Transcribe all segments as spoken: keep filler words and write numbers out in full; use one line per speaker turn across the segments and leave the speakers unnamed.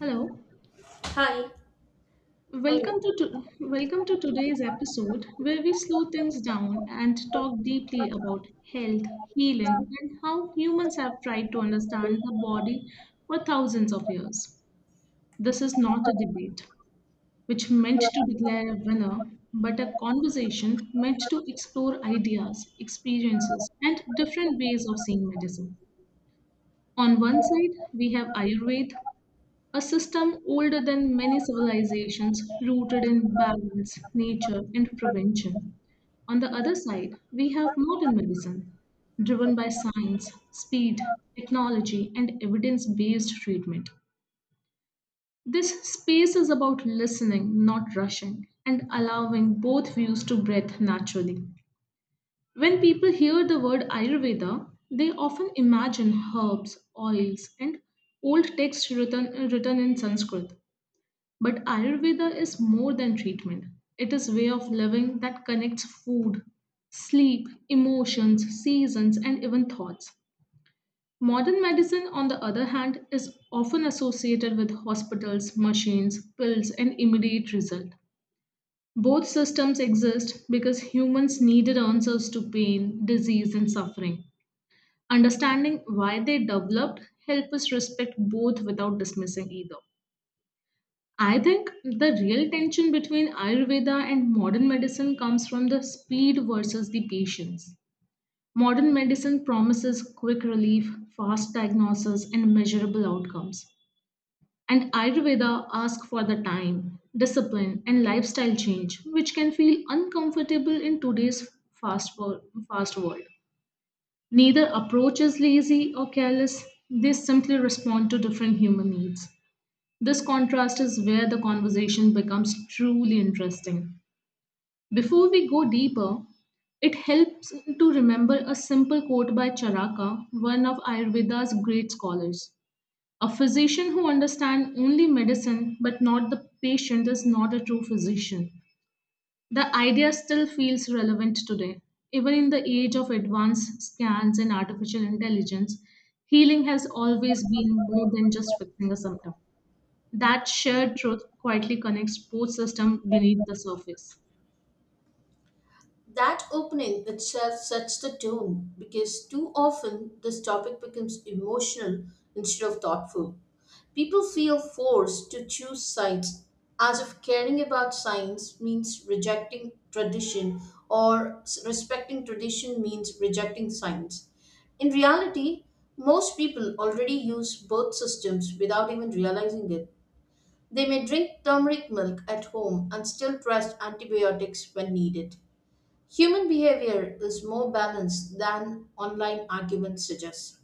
Hello.
Hi, how are
Welcome to,
you?
to welcome to today's episode where we slow things down and talk deeply about health, healing, and how humans have tried to understand the body for thousands of years. This is not a debate which meant to declare a winner, but a conversation meant to explore ideas, experiences, and different ways of seeing medicine. On one side, we have Ayurveda, a system older than many civilizations, rooted in balance, nature, and prevention. On the other side, we have modern medicine, driven by science, speed, technology, and evidence based treatment. This space is about listening, not rushing, and allowing both views to breathe naturally. When people hear the word Ayurveda, they often imagine herbs, oils, and old texts written, written in Sanskrit. But Ayurveda is more than treatment. It is way of living that connects food, sleep, emotions, seasons and even thoughts. Modern medicine on the other hand is often associated with hospitals, machines, pills and immediate result. Both systems exist because humans needed answers to pain, disease and suffering. Understanding why they developed help us respect both without dismissing either. I think the real tension between Ayurveda and modern medicine comes from the speed versus the patience. Modern medicine promises quick relief, fast diagnosis, and measurable outcomes. And Ayurveda asks for the time, discipline, and lifestyle change, which can feel uncomfortable in today's fast, wor- fast world. Neither approach is lazy or careless, they simply respond to different human needs. This contrast is where the conversation becomes truly interesting. Before we go deeper, it helps to remember a simple quote by Charaka, one of Ayurveda's great scholars. A physician who understands only medicine but not the patient is not a true physician. The idea still feels relevant today. Even in the age of advanced scans and artificial intelligence, healing has always been more than just fixing a symptom. That shared truth quietly connects both systems beneath the surface.
That opening itself sets the tone because too often this topic becomes emotional instead of thoughtful. People feel forced to choose sides as if caring about science means rejecting tradition or s- respecting tradition means rejecting science. In reality, most people already use both systems without even realizing it. They may drink turmeric milk at home and still trust antibiotics when needed. Human behavior is more balanced than online arguments suggest.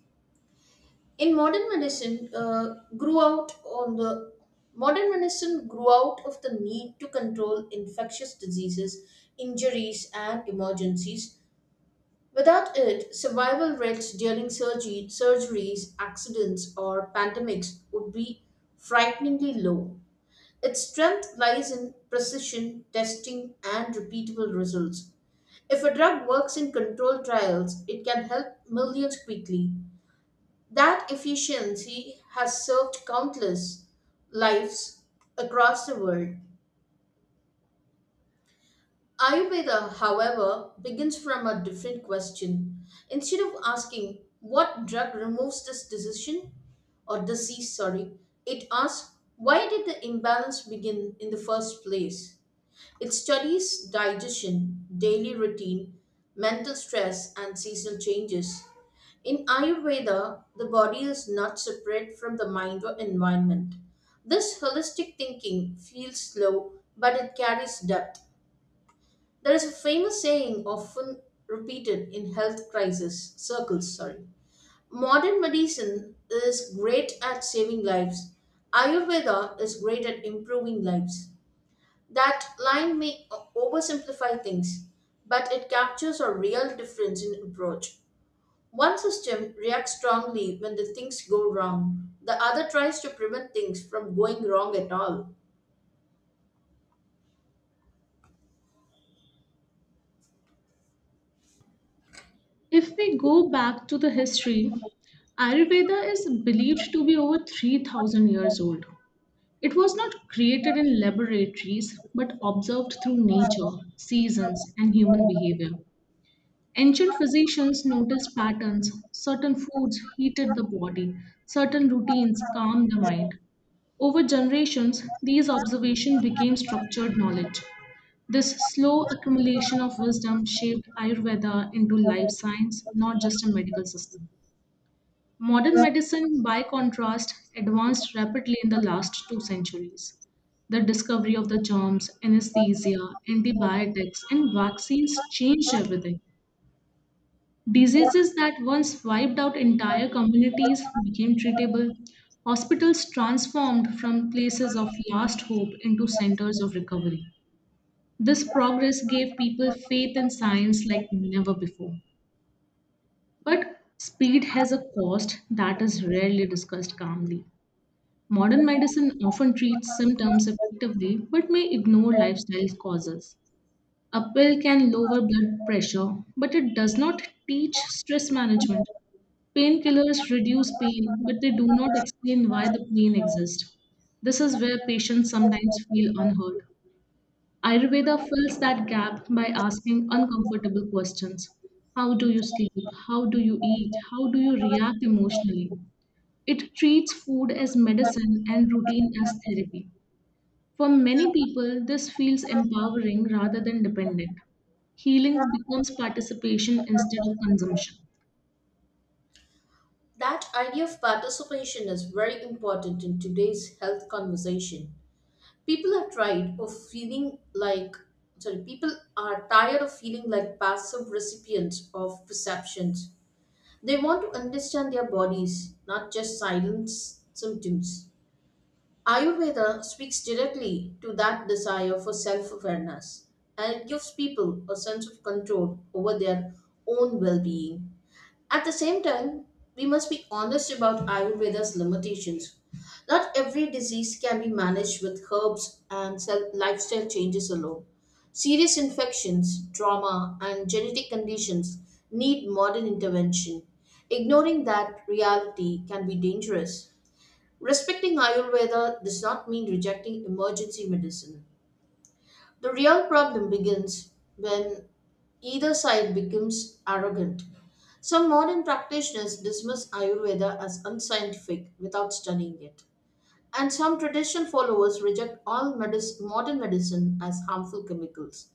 In modern medicine, uh, grew out on the Modern medicine grew out of the need to control infectious diseases, injuries, and emergencies. Without it, survival rates during surgery, surgeries, accidents, or pandemics would be frighteningly low. Its strength lies in precision testing and repeatable results. If a drug works in controlled trials, it can help millions quickly. That efficiency has served countless lives across the world. Ayurveda, however, begins from a different question. Instead of asking what drug removes this decision or disease, sorry, it asks why did the imbalance begin in the first place? It studies digestion, daily routine, mental stress, and seasonal changes. In Ayurveda, the body is not separate from the mind or environment. This holistic thinking feels slow, but it carries depth. There is a famous saying often repeated in health crisis circles, sorry. Modern medicine is great at saving lives. Ayurveda is great at improving lives. That line may o- oversimplify things, but it captures a real difference in approach. One system reacts strongly when the things go wrong. The other tries to prevent things from going wrong at all.
If we go back to the history, Ayurveda is believed to be over three thousand years old. It was not created in laboratories but observed through nature, seasons, and human behavior. Ancient physicians noticed patterns, certain foods heated the body, certain routines calmed the mind. Over generations, these observations became structured knowledge. This slow accumulation of wisdom shaped Ayurveda into life science, not just a medical system. Modern medicine, by contrast, advanced rapidly in the last two centuries. The discovery of the germs, anesthesia, antibiotics, and vaccines changed everything. Diseases that once wiped out entire communities became treatable. Hospitals transformed from places of last hope into centers of recovery. This progress gave people faith in science like never before. But speed has a cost that is rarely discussed calmly. Modern medicine often treats symptoms effectively but may ignore lifestyle causes. A pill can lower blood pressure, but it does not teach stress management. Painkillers reduce pain, but they do not explain why the pain exists. This is where patients sometimes feel unheard. Ayurveda fills that gap by asking uncomfortable questions. How do you sleep? How do you eat? How do you react emotionally? It treats food as medicine and routine as therapy. For many people, this feels empowering rather than dependent. Healing becomes participation instead of consumption.
That idea of participation is very important in today's health conversation. People are tired of feeling like sorry, People are tired of feeling like passive recipients of perceptions. They want to understand their bodies, not just silence symptoms. Ayurveda speaks directly to that desire for self awareness and it gives people a sense of control over their own well being. At the same time, we must be honest about Ayurveda's limitations. Not every disease can be managed with herbs and self- lifestyle changes alone. Serious infections, trauma, and genetic conditions need modern intervention. Ignoring that reality can be dangerous. Respecting Ayurveda does not mean rejecting emergency medicine. The real problem begins when either side becomes arrogant. Some modern practitioners dismiss Ayurveda as unscientific without studying it. And some traditional followers reject all medic- modern medicine as harmful chemicals.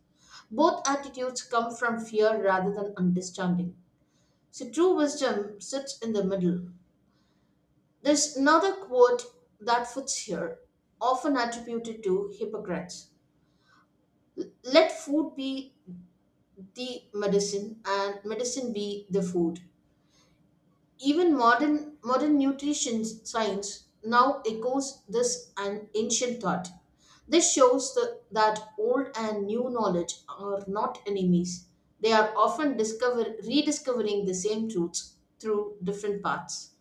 Both attitudes come from fear rather than understanding. So true wisdom sits in the middle. There's another quote that fits here, often attributed to Hippocrates. Let food be the medicine and medicine be the food. Even modern modern nutrition science now echoes this an ancient thought. This shows the, that old and new knowledge are not enemies. They are often discover, rediscovering the same truths through different paths.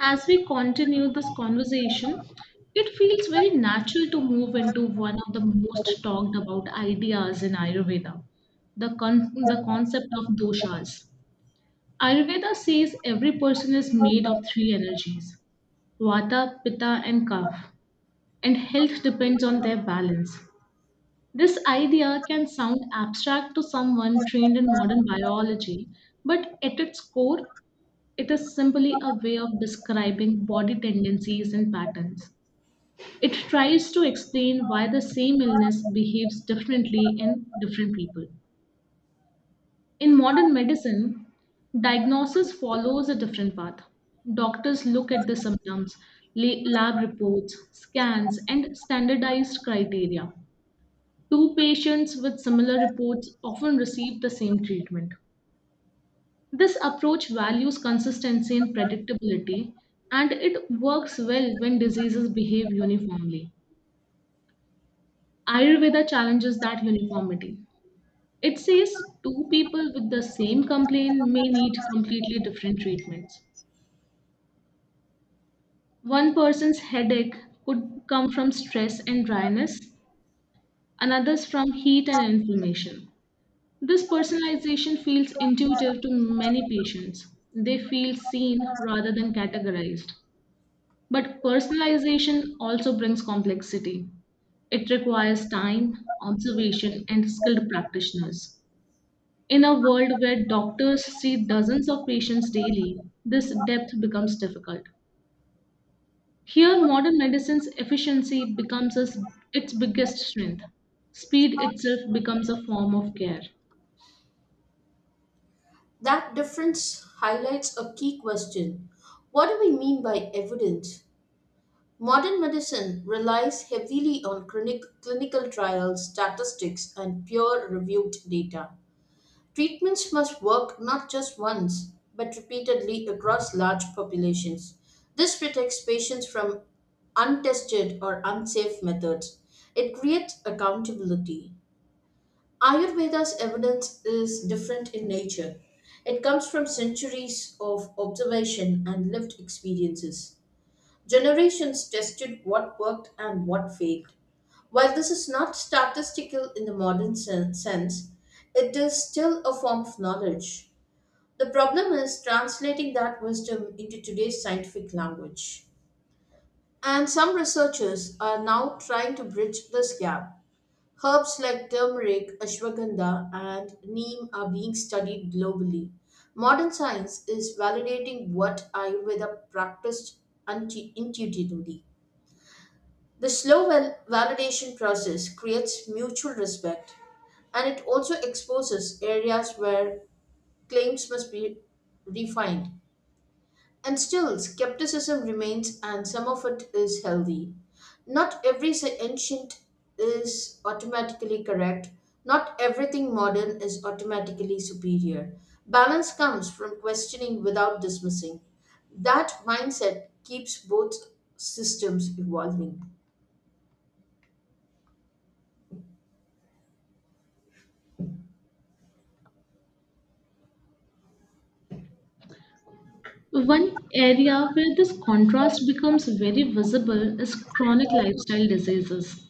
As we continue this conversation, it feels very natural to move into one of the most talked about ideas in Ayurveda the, con- the concept of doshas. Ayurveda says every person is made of three energies vata, pitta, and kapha, and health depends on their balance. This idea can sound abstract to someone trained in modern biology, but at its core, it is simply a way of describing body tendencies and patterns. It tries to explain why the same illness behaves differently in different people. In modern medicine, diagnosis follows a different path. Doctors look at the symptoms, la- lab reports, scans, and standardized criteria. Two patients with similar reports often receive the same treatment. This approach values consistency and predictability, and it works well when diseases behave uniformly. Ayurveda challenges that uniformity. It says two people with the same complaint may need completely different treatments. One person's headache could come from stress and dryness, another's from heat and inflammation. This personalization feels intuitive to many patients. They feel seen rather than categorized. But personalization also brings complexity. It requires time, observation, and skilled practitioners. In a world where doctors see dozens of patients daily, this depth becomes difficult. Here, modern medicine's efficiency becomes as its biggest strength. Speed itself becomes a form of care.
That difference highlights a key question. What do we mean by evidence? Modern medicine relies heavily on clinic, clinical trials, statistics, and peer reviewed data. Treatments must work not just once, but repeatedly across large populations. This protects patients from untested or unsafe methods. It creates accountability. Ayurveda's evidence is different in nature. It comes from centuries of observation and lived experiences. Generations tested what worked and what failed. While this is not statistical in the modern sen- sense, it is still a form of knowledge. The problem is translating that wisdom into today's scientific language. And some researchers are now trying to bridge this gap. Herbs like turmeric, ashwagandha, and neem are being studied globally. Modern science is validating what Ayurveda practiced unti- intuitively. The slow val- validation process creates mutual respect and it also exposes areas where claims must be refined. And still, skepticism remains, and some of it is healthy. Not every se- ancient is automatically correct, not everything modern is automatically superior. Balance comes from questioning without dismissing. That mindset keeps both systems evolving.
One area where this contrast becomes very visible is chronic lifestyle diseases.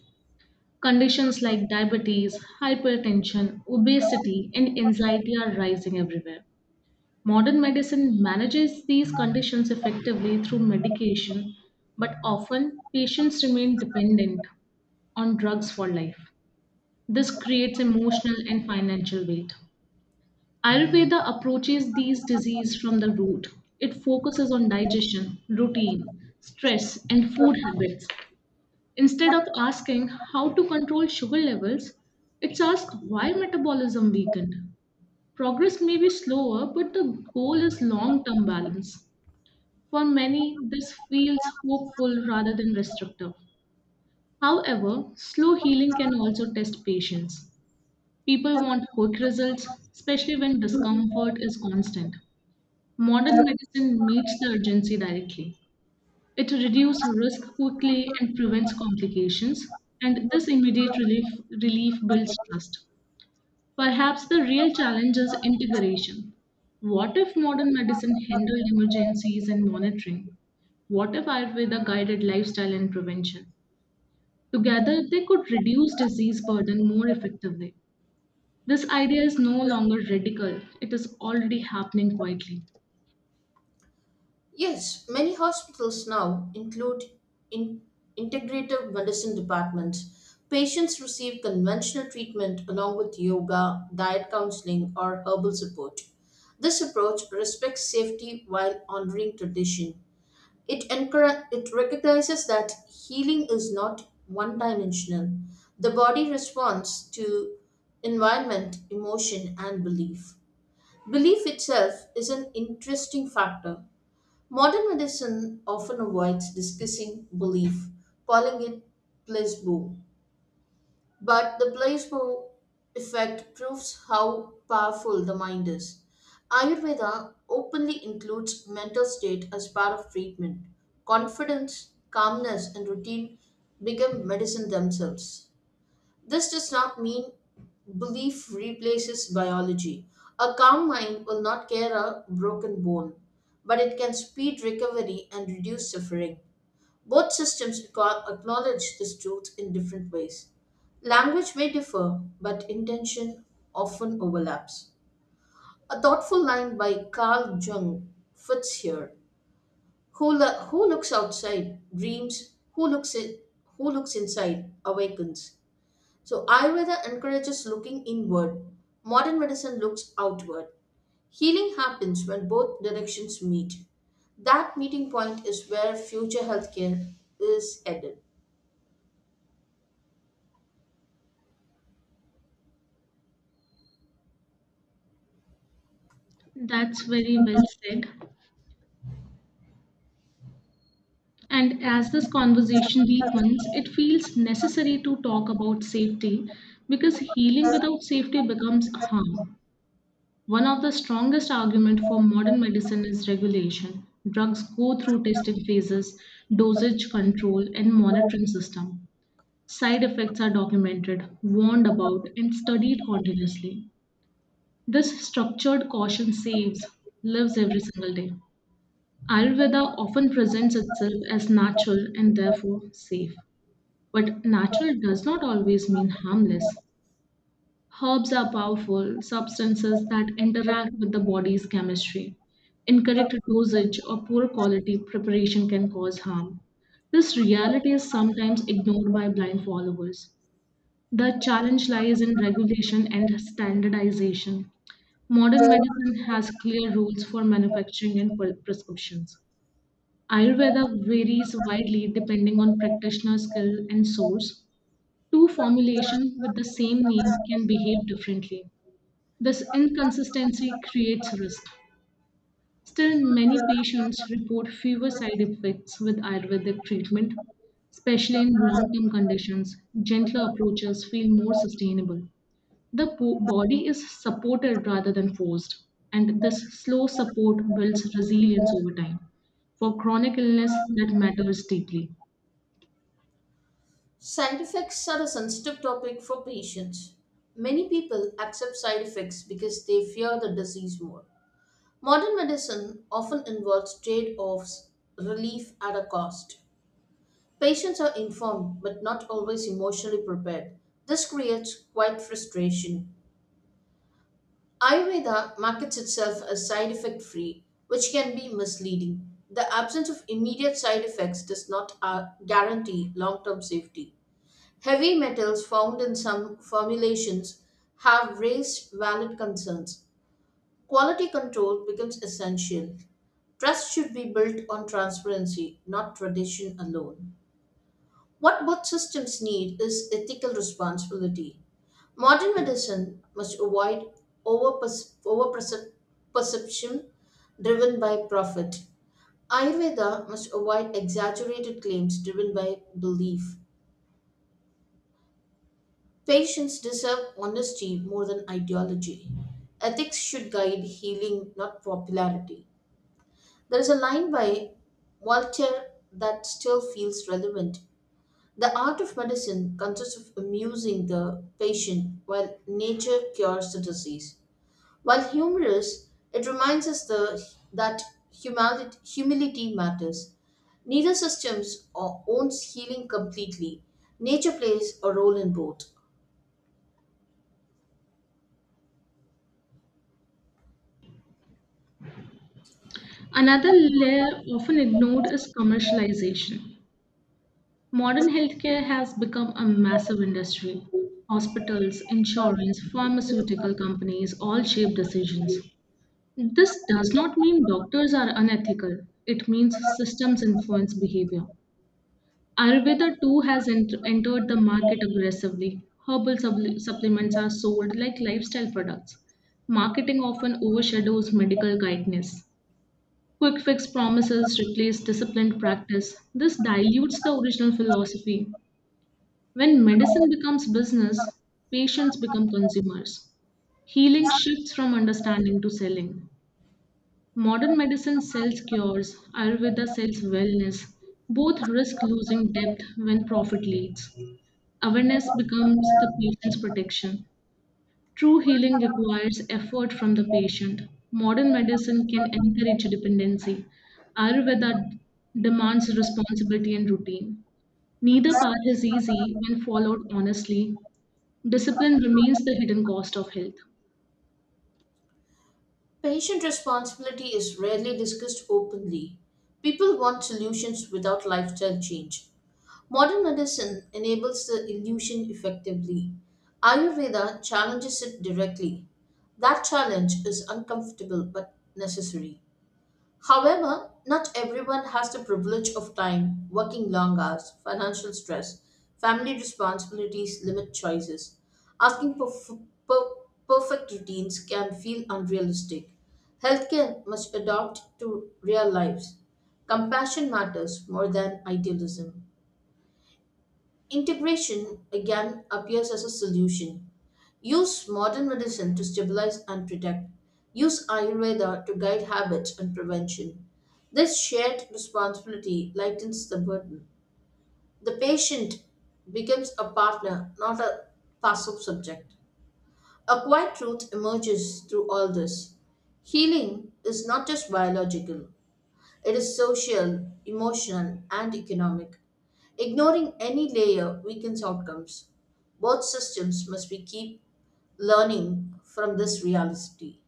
Conditions like diabetes, hypertension, obesity, and anxiety are rising everywhere. Modern medicine manages these conditions effectively through medication, but often patients remain dependent on drugs for life. This creates emotional and financial weight. Ayurveda approaches these diseases from the root. It focuses on digestion, routine, stress, and food habits. Instead of asking how to control sugar levels, it's asked why metabolism weakened. Progress may be slower, but the goal is long term balance. For many, this feels hopeful rather than restrictive. However, slow healing can also test patience. People want quick results, especially when discomfort is constant. Modern medicine meets the urgency directly. It reduces risk quickly and prevents complications, and this immediate relief, relief builds trust. Perhaps the real challenge is integration. What if modern medicine handled emergencies and monitoring? What if Ayurveda guided lifestyle and prevention? Together, they could reduce disease burden more effectively. This idea is no longer radical, it is already happening quietly.
Yes, many hospitals now include in integrative medicine departments. Patients receive conventional treatment along with yoga, diet counseling, or herbal support. This approach respects safety while honoring tradition. It, encourage, it recognizes that healing is not one dimensional. The body responds to environment, emotion, and belief. Belief itself is an interesting factor. Modern medicine often avoids discussing belief, calling it placebo. But the placebo effect proves how powerful the mind is. Ayurveda openly includes mental state as part of treatment. Confidence, calmness, and routine become medicine themselves. This does not mean belief replaces biology. A calm mind will not care a broken bone, but it can speed recovery and reduce suffering. Both systems aco- acknowledge this truth in different ways. Language may differ, but intention often overlaps. A thoughtful line by Carl Jung fits here. Who, lo- who looks outside dreams, who looks, in- who looks inside awakens. So, Ayurveda encourages looking inward. Modern medicine looks outward. Healing happens when both directions meet. That meeting point is where future healthcare is headed.
That's very well said. And as this conversation deepens, it feels necessary to talk about safety because healing without safety becomes harm. One of the strongest arguments for modern medicine is regulation. Drugs go through testing phases, dosage control, and monitoring system. Side effects are documented, warned about, and studied continuously. This structured caution saves lives every single day. Ayurveda often presents itself as natural and therefore safe. But natural does not always mean harmless. Herbs are powerful substances that interact with the body's chemistry. Incorrect dosage or poor quality preparation can cause harm. This reality is sometimes ignored by blind followers. The challenge lies in regulation and standardization. Modern medicine has clear rules for manufacturing and pre- prescriptions. Ayurveda varies widely depending on practitioner skill and source. Two formulations with the same name can behave differently. This inconsistency creates risk. Still, many patients report fewer side effects with Ayurvedic treatment, especially in long term conditions. Gentler approaches feel more sustainable. The po- body is supported rather than forced, and this slow support builds resilience over time for chronic illness that matters deeply.
Side effects are a sensitive topic for patients. Many people accept side effects because they fear the disease more. Modern medicine often involves trade offs, relief at a cost. Patients are informed but not always emotionally prepared. This creates quite frustration. Ayurveda markets itself as side effect free, which can be misleading. The absence of immediate side effects does not uh, guarantee long term safety. Heavy metals found in some formulations have raised valid concerns. Quality control becomes essential. Trust should be built on transparency, not tradition alone. What both systems need is ethical responsibility. Modern medicine must avoid over perception driven by profit. Ayurveda must avoid exaggerated claims driven by belief. Patients deserve honesty more than ideology. Ethics should guide healing, not popularity. There is a line by Voltaire that still feels relevant. The art of medicine consists of amusing the patient while nature cures the disease. While humorous, it reminds us the, that humility, humility matters. Neither systems o- owns healing completely. Nature plays a role in both.
Another layer often ignored is commercialization. Modern healthcare has become a massive industry. Hospitals, insurance, pharmaceutical companies all shape decisions. This does not mean doctors are unethical, it means systems influence behavior. Ayurveda too has ent- entered the market aggressively. Herbal supple- supplements are sold like lifestyle products. Marketing often overshadows medical guidance. Quick fix promises replace disciplined practice. This dilutes the original philosophy when medicine becomes business, patients become consumers. Healing shifts from understanding to selling. Modern medicine sells cures, Ayurveda sells wellness. Both risk losing depth when profit leads. Awareness becomes the patient's protection. True healing requires effort from the patient. Modern medicine can encourage dependency. Ayurveda demands responsibility and routine. Neither path is easy when followed honestly. Discipline remains the hidden cost of health.
Patient responsibility is rarely discussed openly. People want solutions without lifestyle change. Modern medicine enables the illusion effectively. Ayurveda challenges it directly. That challenge is uncomfortable but necessary. However, not everyone has the privilege of time, working long hours, financial stress, family responsibilities limit choices. Asking for f- per- perfect routines can feel unrealistic. Healthcare must adapt to real lives. Compassion matters more than idealism. Integration again appears as a solution. Use modern medicine to stabilize and protect. Use Ayurveda to guide habits and prevention. This shared responsibility lightens the burden. The patient becomes a partner, not a passive subject. A quiet truth emerges through all this. Healing is not just biological, it is social, emotional, and economic. Ignoring any layer weakens outcomes. Both systems must be keep learning from this reality.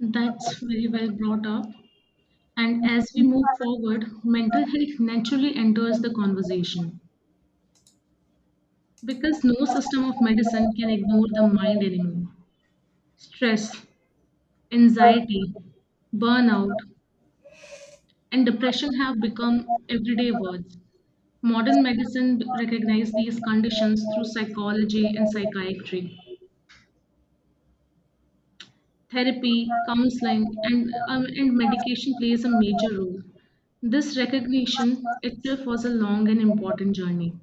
That's very well brought up. And as we move forward, mental health naturally enters the conversation because no system of medicine can ignore the mind anymore. Stress, anxiety, burnout, and depression have become everyday words. Modern medicine recognizes these conditions through psychology and psychiatry. Therapy, counseling, and, um, and medication plays a major role. This recognition itself was a long and important journey.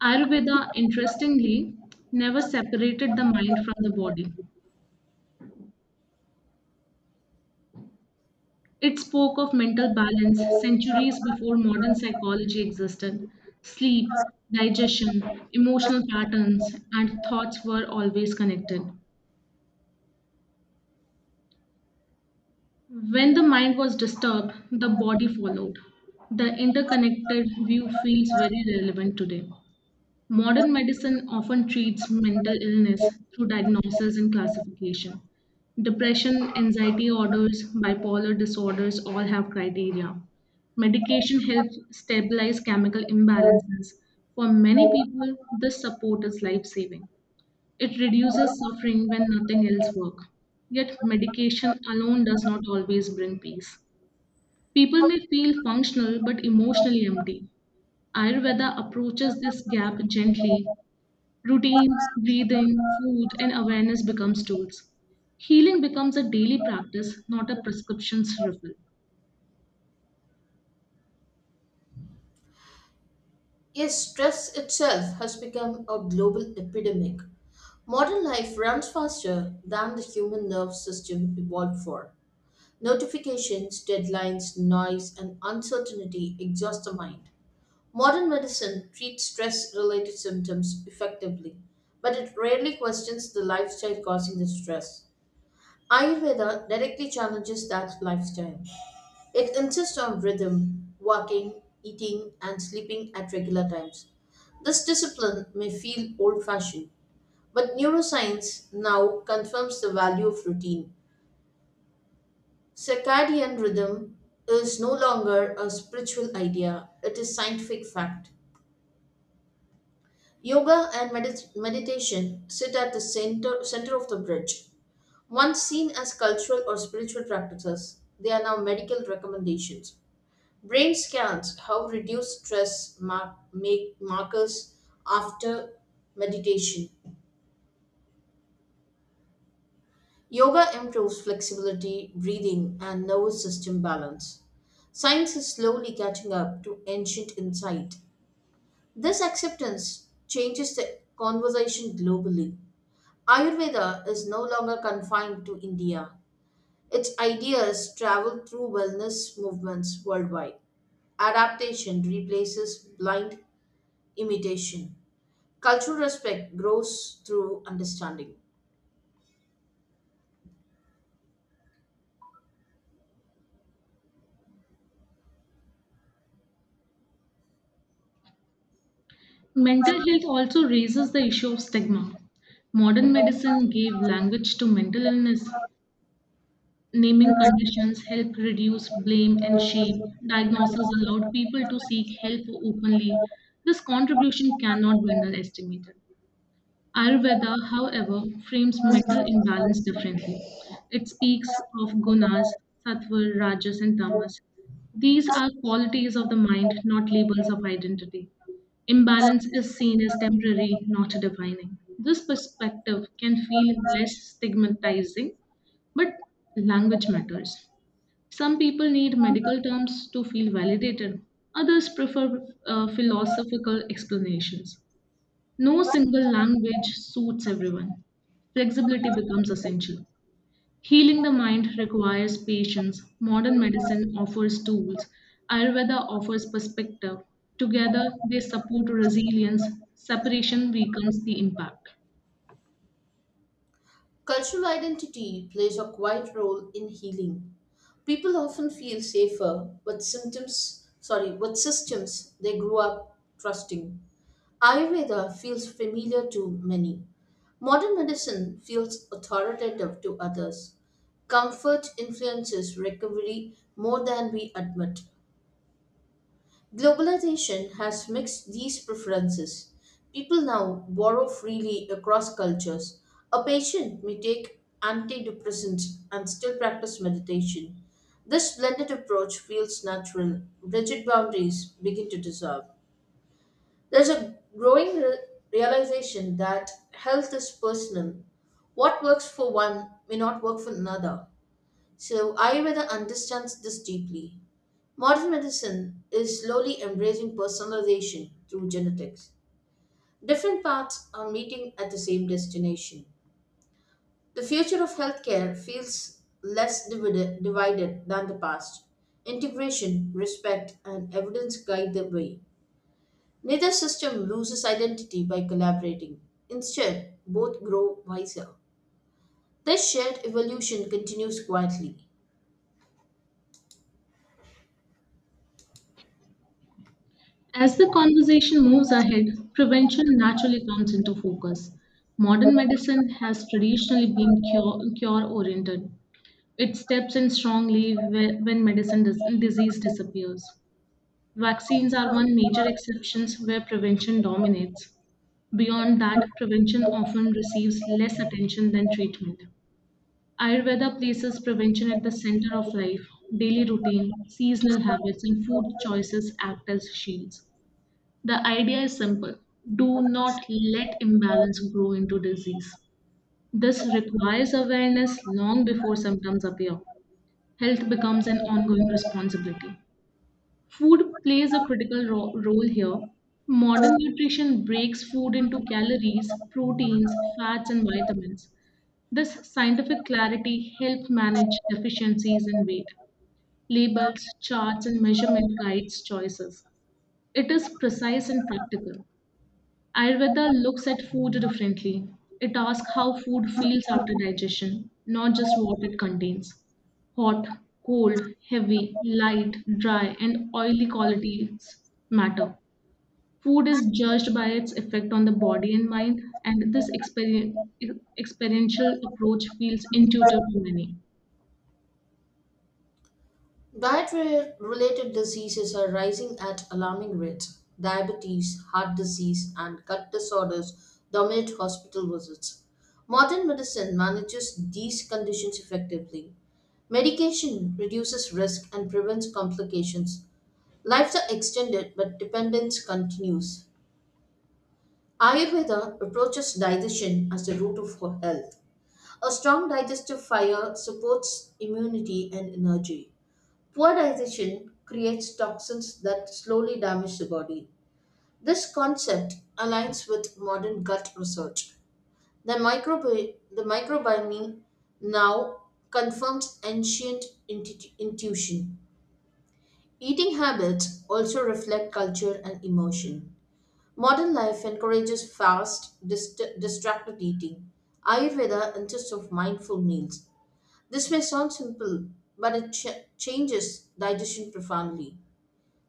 Ayurveda, interestingly, never separated the mind from the body. It spoke of mental balance centuries before modern psychology existed. Sleep, digestion, emotional patterns, and thoughts were always connected. When the mind was disturbed, the body followed. The interconnected view feels very relevant today. Modern medicine often treats mental illness through diagnosis and classification. Depression, anxiety orders, bipolar disorders all have criteria. Medication helps stabilize chemical imbalances. For many people, this support is life saving. It reduces suffering when nothing else works. Yet, medication alone does not always bring peace. People may feel functional but emotionally empty. Ayurveda approaches this gap gently. Routine, breathing, food, and awareness becomes tools. Healing becomes a daily practice, not a prescription's refill.
Yes, stress itself has become a global epidemic. Modern life runs faster than the human nerve system evolved for. Notifications, deadlines, noise, and uncertainty exhaust the mind. Modern medicine treats stress related symptoms effectively, but it rarely questions the lifestyle causing the stress. Ayurveda directly challenges that lifestyle. It insists on rhythm, walking, eating, and sleeping at regular times. This discipline may feel old fashioned, but neuroscience now confirms the value of routine. Circadian rhythm is no longer a spiritual idea, it is scientific fact. Yoga and medit- meditation sit at the center, center of the bridge. Once seen as cultural or spiritual practices, they are now medical recommendations. Brain scans how reduced stress mar- make markers after meditation. Yoga improves flexibility, breathing, and nervous system balance. Science is slowly catching up to ancient insight. This acceptance changes the conversation globally. Ayurveda is no longer confined to India. Its ideas travel through wellness movements worldwide. Adaptation replaces blind imitation. Cultural respect grows through understanding.
Mental health also raises the issue of stigma. Modern medicine gave language to mental illness, naming conditions help reduce blame and shame. Diagnosis allowed people to seek help openly. This contribution cannot be underestimated. Ayurveda, however, frames mental imbalance differently. It speaks of gunas, sattva, rajas, and tamas. These are qualities of the mind, not labels of identity. Imbalance is seen as temporary, not defining. This perspective can feel less stigmatizing, but language matters. Some people need medical terms to feel validated, others prefer uh, philosophical explanations. No single language suits everyone. Flexibility becomes essential. Healing the mind requires patience. Modern medicine offers tools. Ayurveda offers perspective. Together, they support resilience. Separation weakens the impact.
Cultural identity plays a quiet role in healing. People often feel safer with symptoms, sorry, with systems they grew up trusting. Ayurveda feels familiar to many. Modern medicine feels authoritative to others. Comfort influences recovery more than we admit. Globalization has mixed these preferences. People now borrow freely across cultures. A patient may take antidepressants and still practice meditation. This blended approach feels natural. Rigid boundaries begin to dissolve. There's a growing re- realization that health is personal. What works for one may not work for another. So Ayurveda understands this deeply. Modern medicine is slowly embracing personalization through genetics. Different paths are meeting at the same destination. The future of healthcare feels less divided, divided than the past. Integration, respect, and evidence guide the way. Neither system loses identity by collaborating. Instead, both grow wiser. This shared evolution continues quietly.
As the conversation moves ahead, prevention naturally comes into focus. Modern medicine has traditionally been cure oriented. It steps in strongly whe- when medicine dis- disease disappears. Vaccines are one major exceptions where prevention dominates. Beyond that, prevention often receives less attention than treatment. Ayurveda places prevention at the center of life. Daily routine, seasonal habits, and food choices act as shields. The idea is simple do not let imbalance grow into disease. This requires awareness long before symptoms appear. Health becomes an ongoing responsibility. Food plays a critical ro- role here. Modern nutrition breaks food into calories, proteins, fats, and vitamins. This scientific clarity helps manage deficiencies in weight. Labels, charts, and measurement guides choices. It is precise and practical. Ayurveda looks at food differently. It asks how food feels after digestion, not just what it contains. Hot, cold, heavy, light, dry, and oily qualities matter. Food is judged by its effect on the body and mind, and this exper- experiential approach feels intuitive to many.
Diet related diseases are rising at alarming rates. Diabetes, heart disease, and gut disorders dominate hospital visits. Modern medicine manages these conditions effectively. Medication reduces risk and prevents complications. Lives are extended, but dependence continues. Ayurveda approaches digestion as the root of ho- health. A strong digestive fire supports immunity and energy. Poor digestion creates toxins that slowly damage the body. This concept aligns with modern gut research. The, microbi- the microbiome now confirms ancient intu- intuition. Eating habits also reflect culture and emotion. Modern life encourages fast, dist- distracted eating. Ayurveda insists on mindful meals. This may sound simple, but it ch- changes digestion profoundly.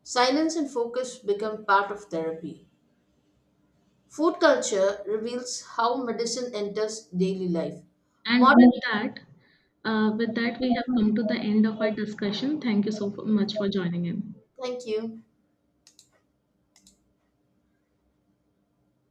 Silence and focus become part of therapy. Food culture reveals how medicine enters daily life.
And
Modern,
with that, uh, with that, we have come to the end of our discussion. Thank you so much for joining in.
thank you.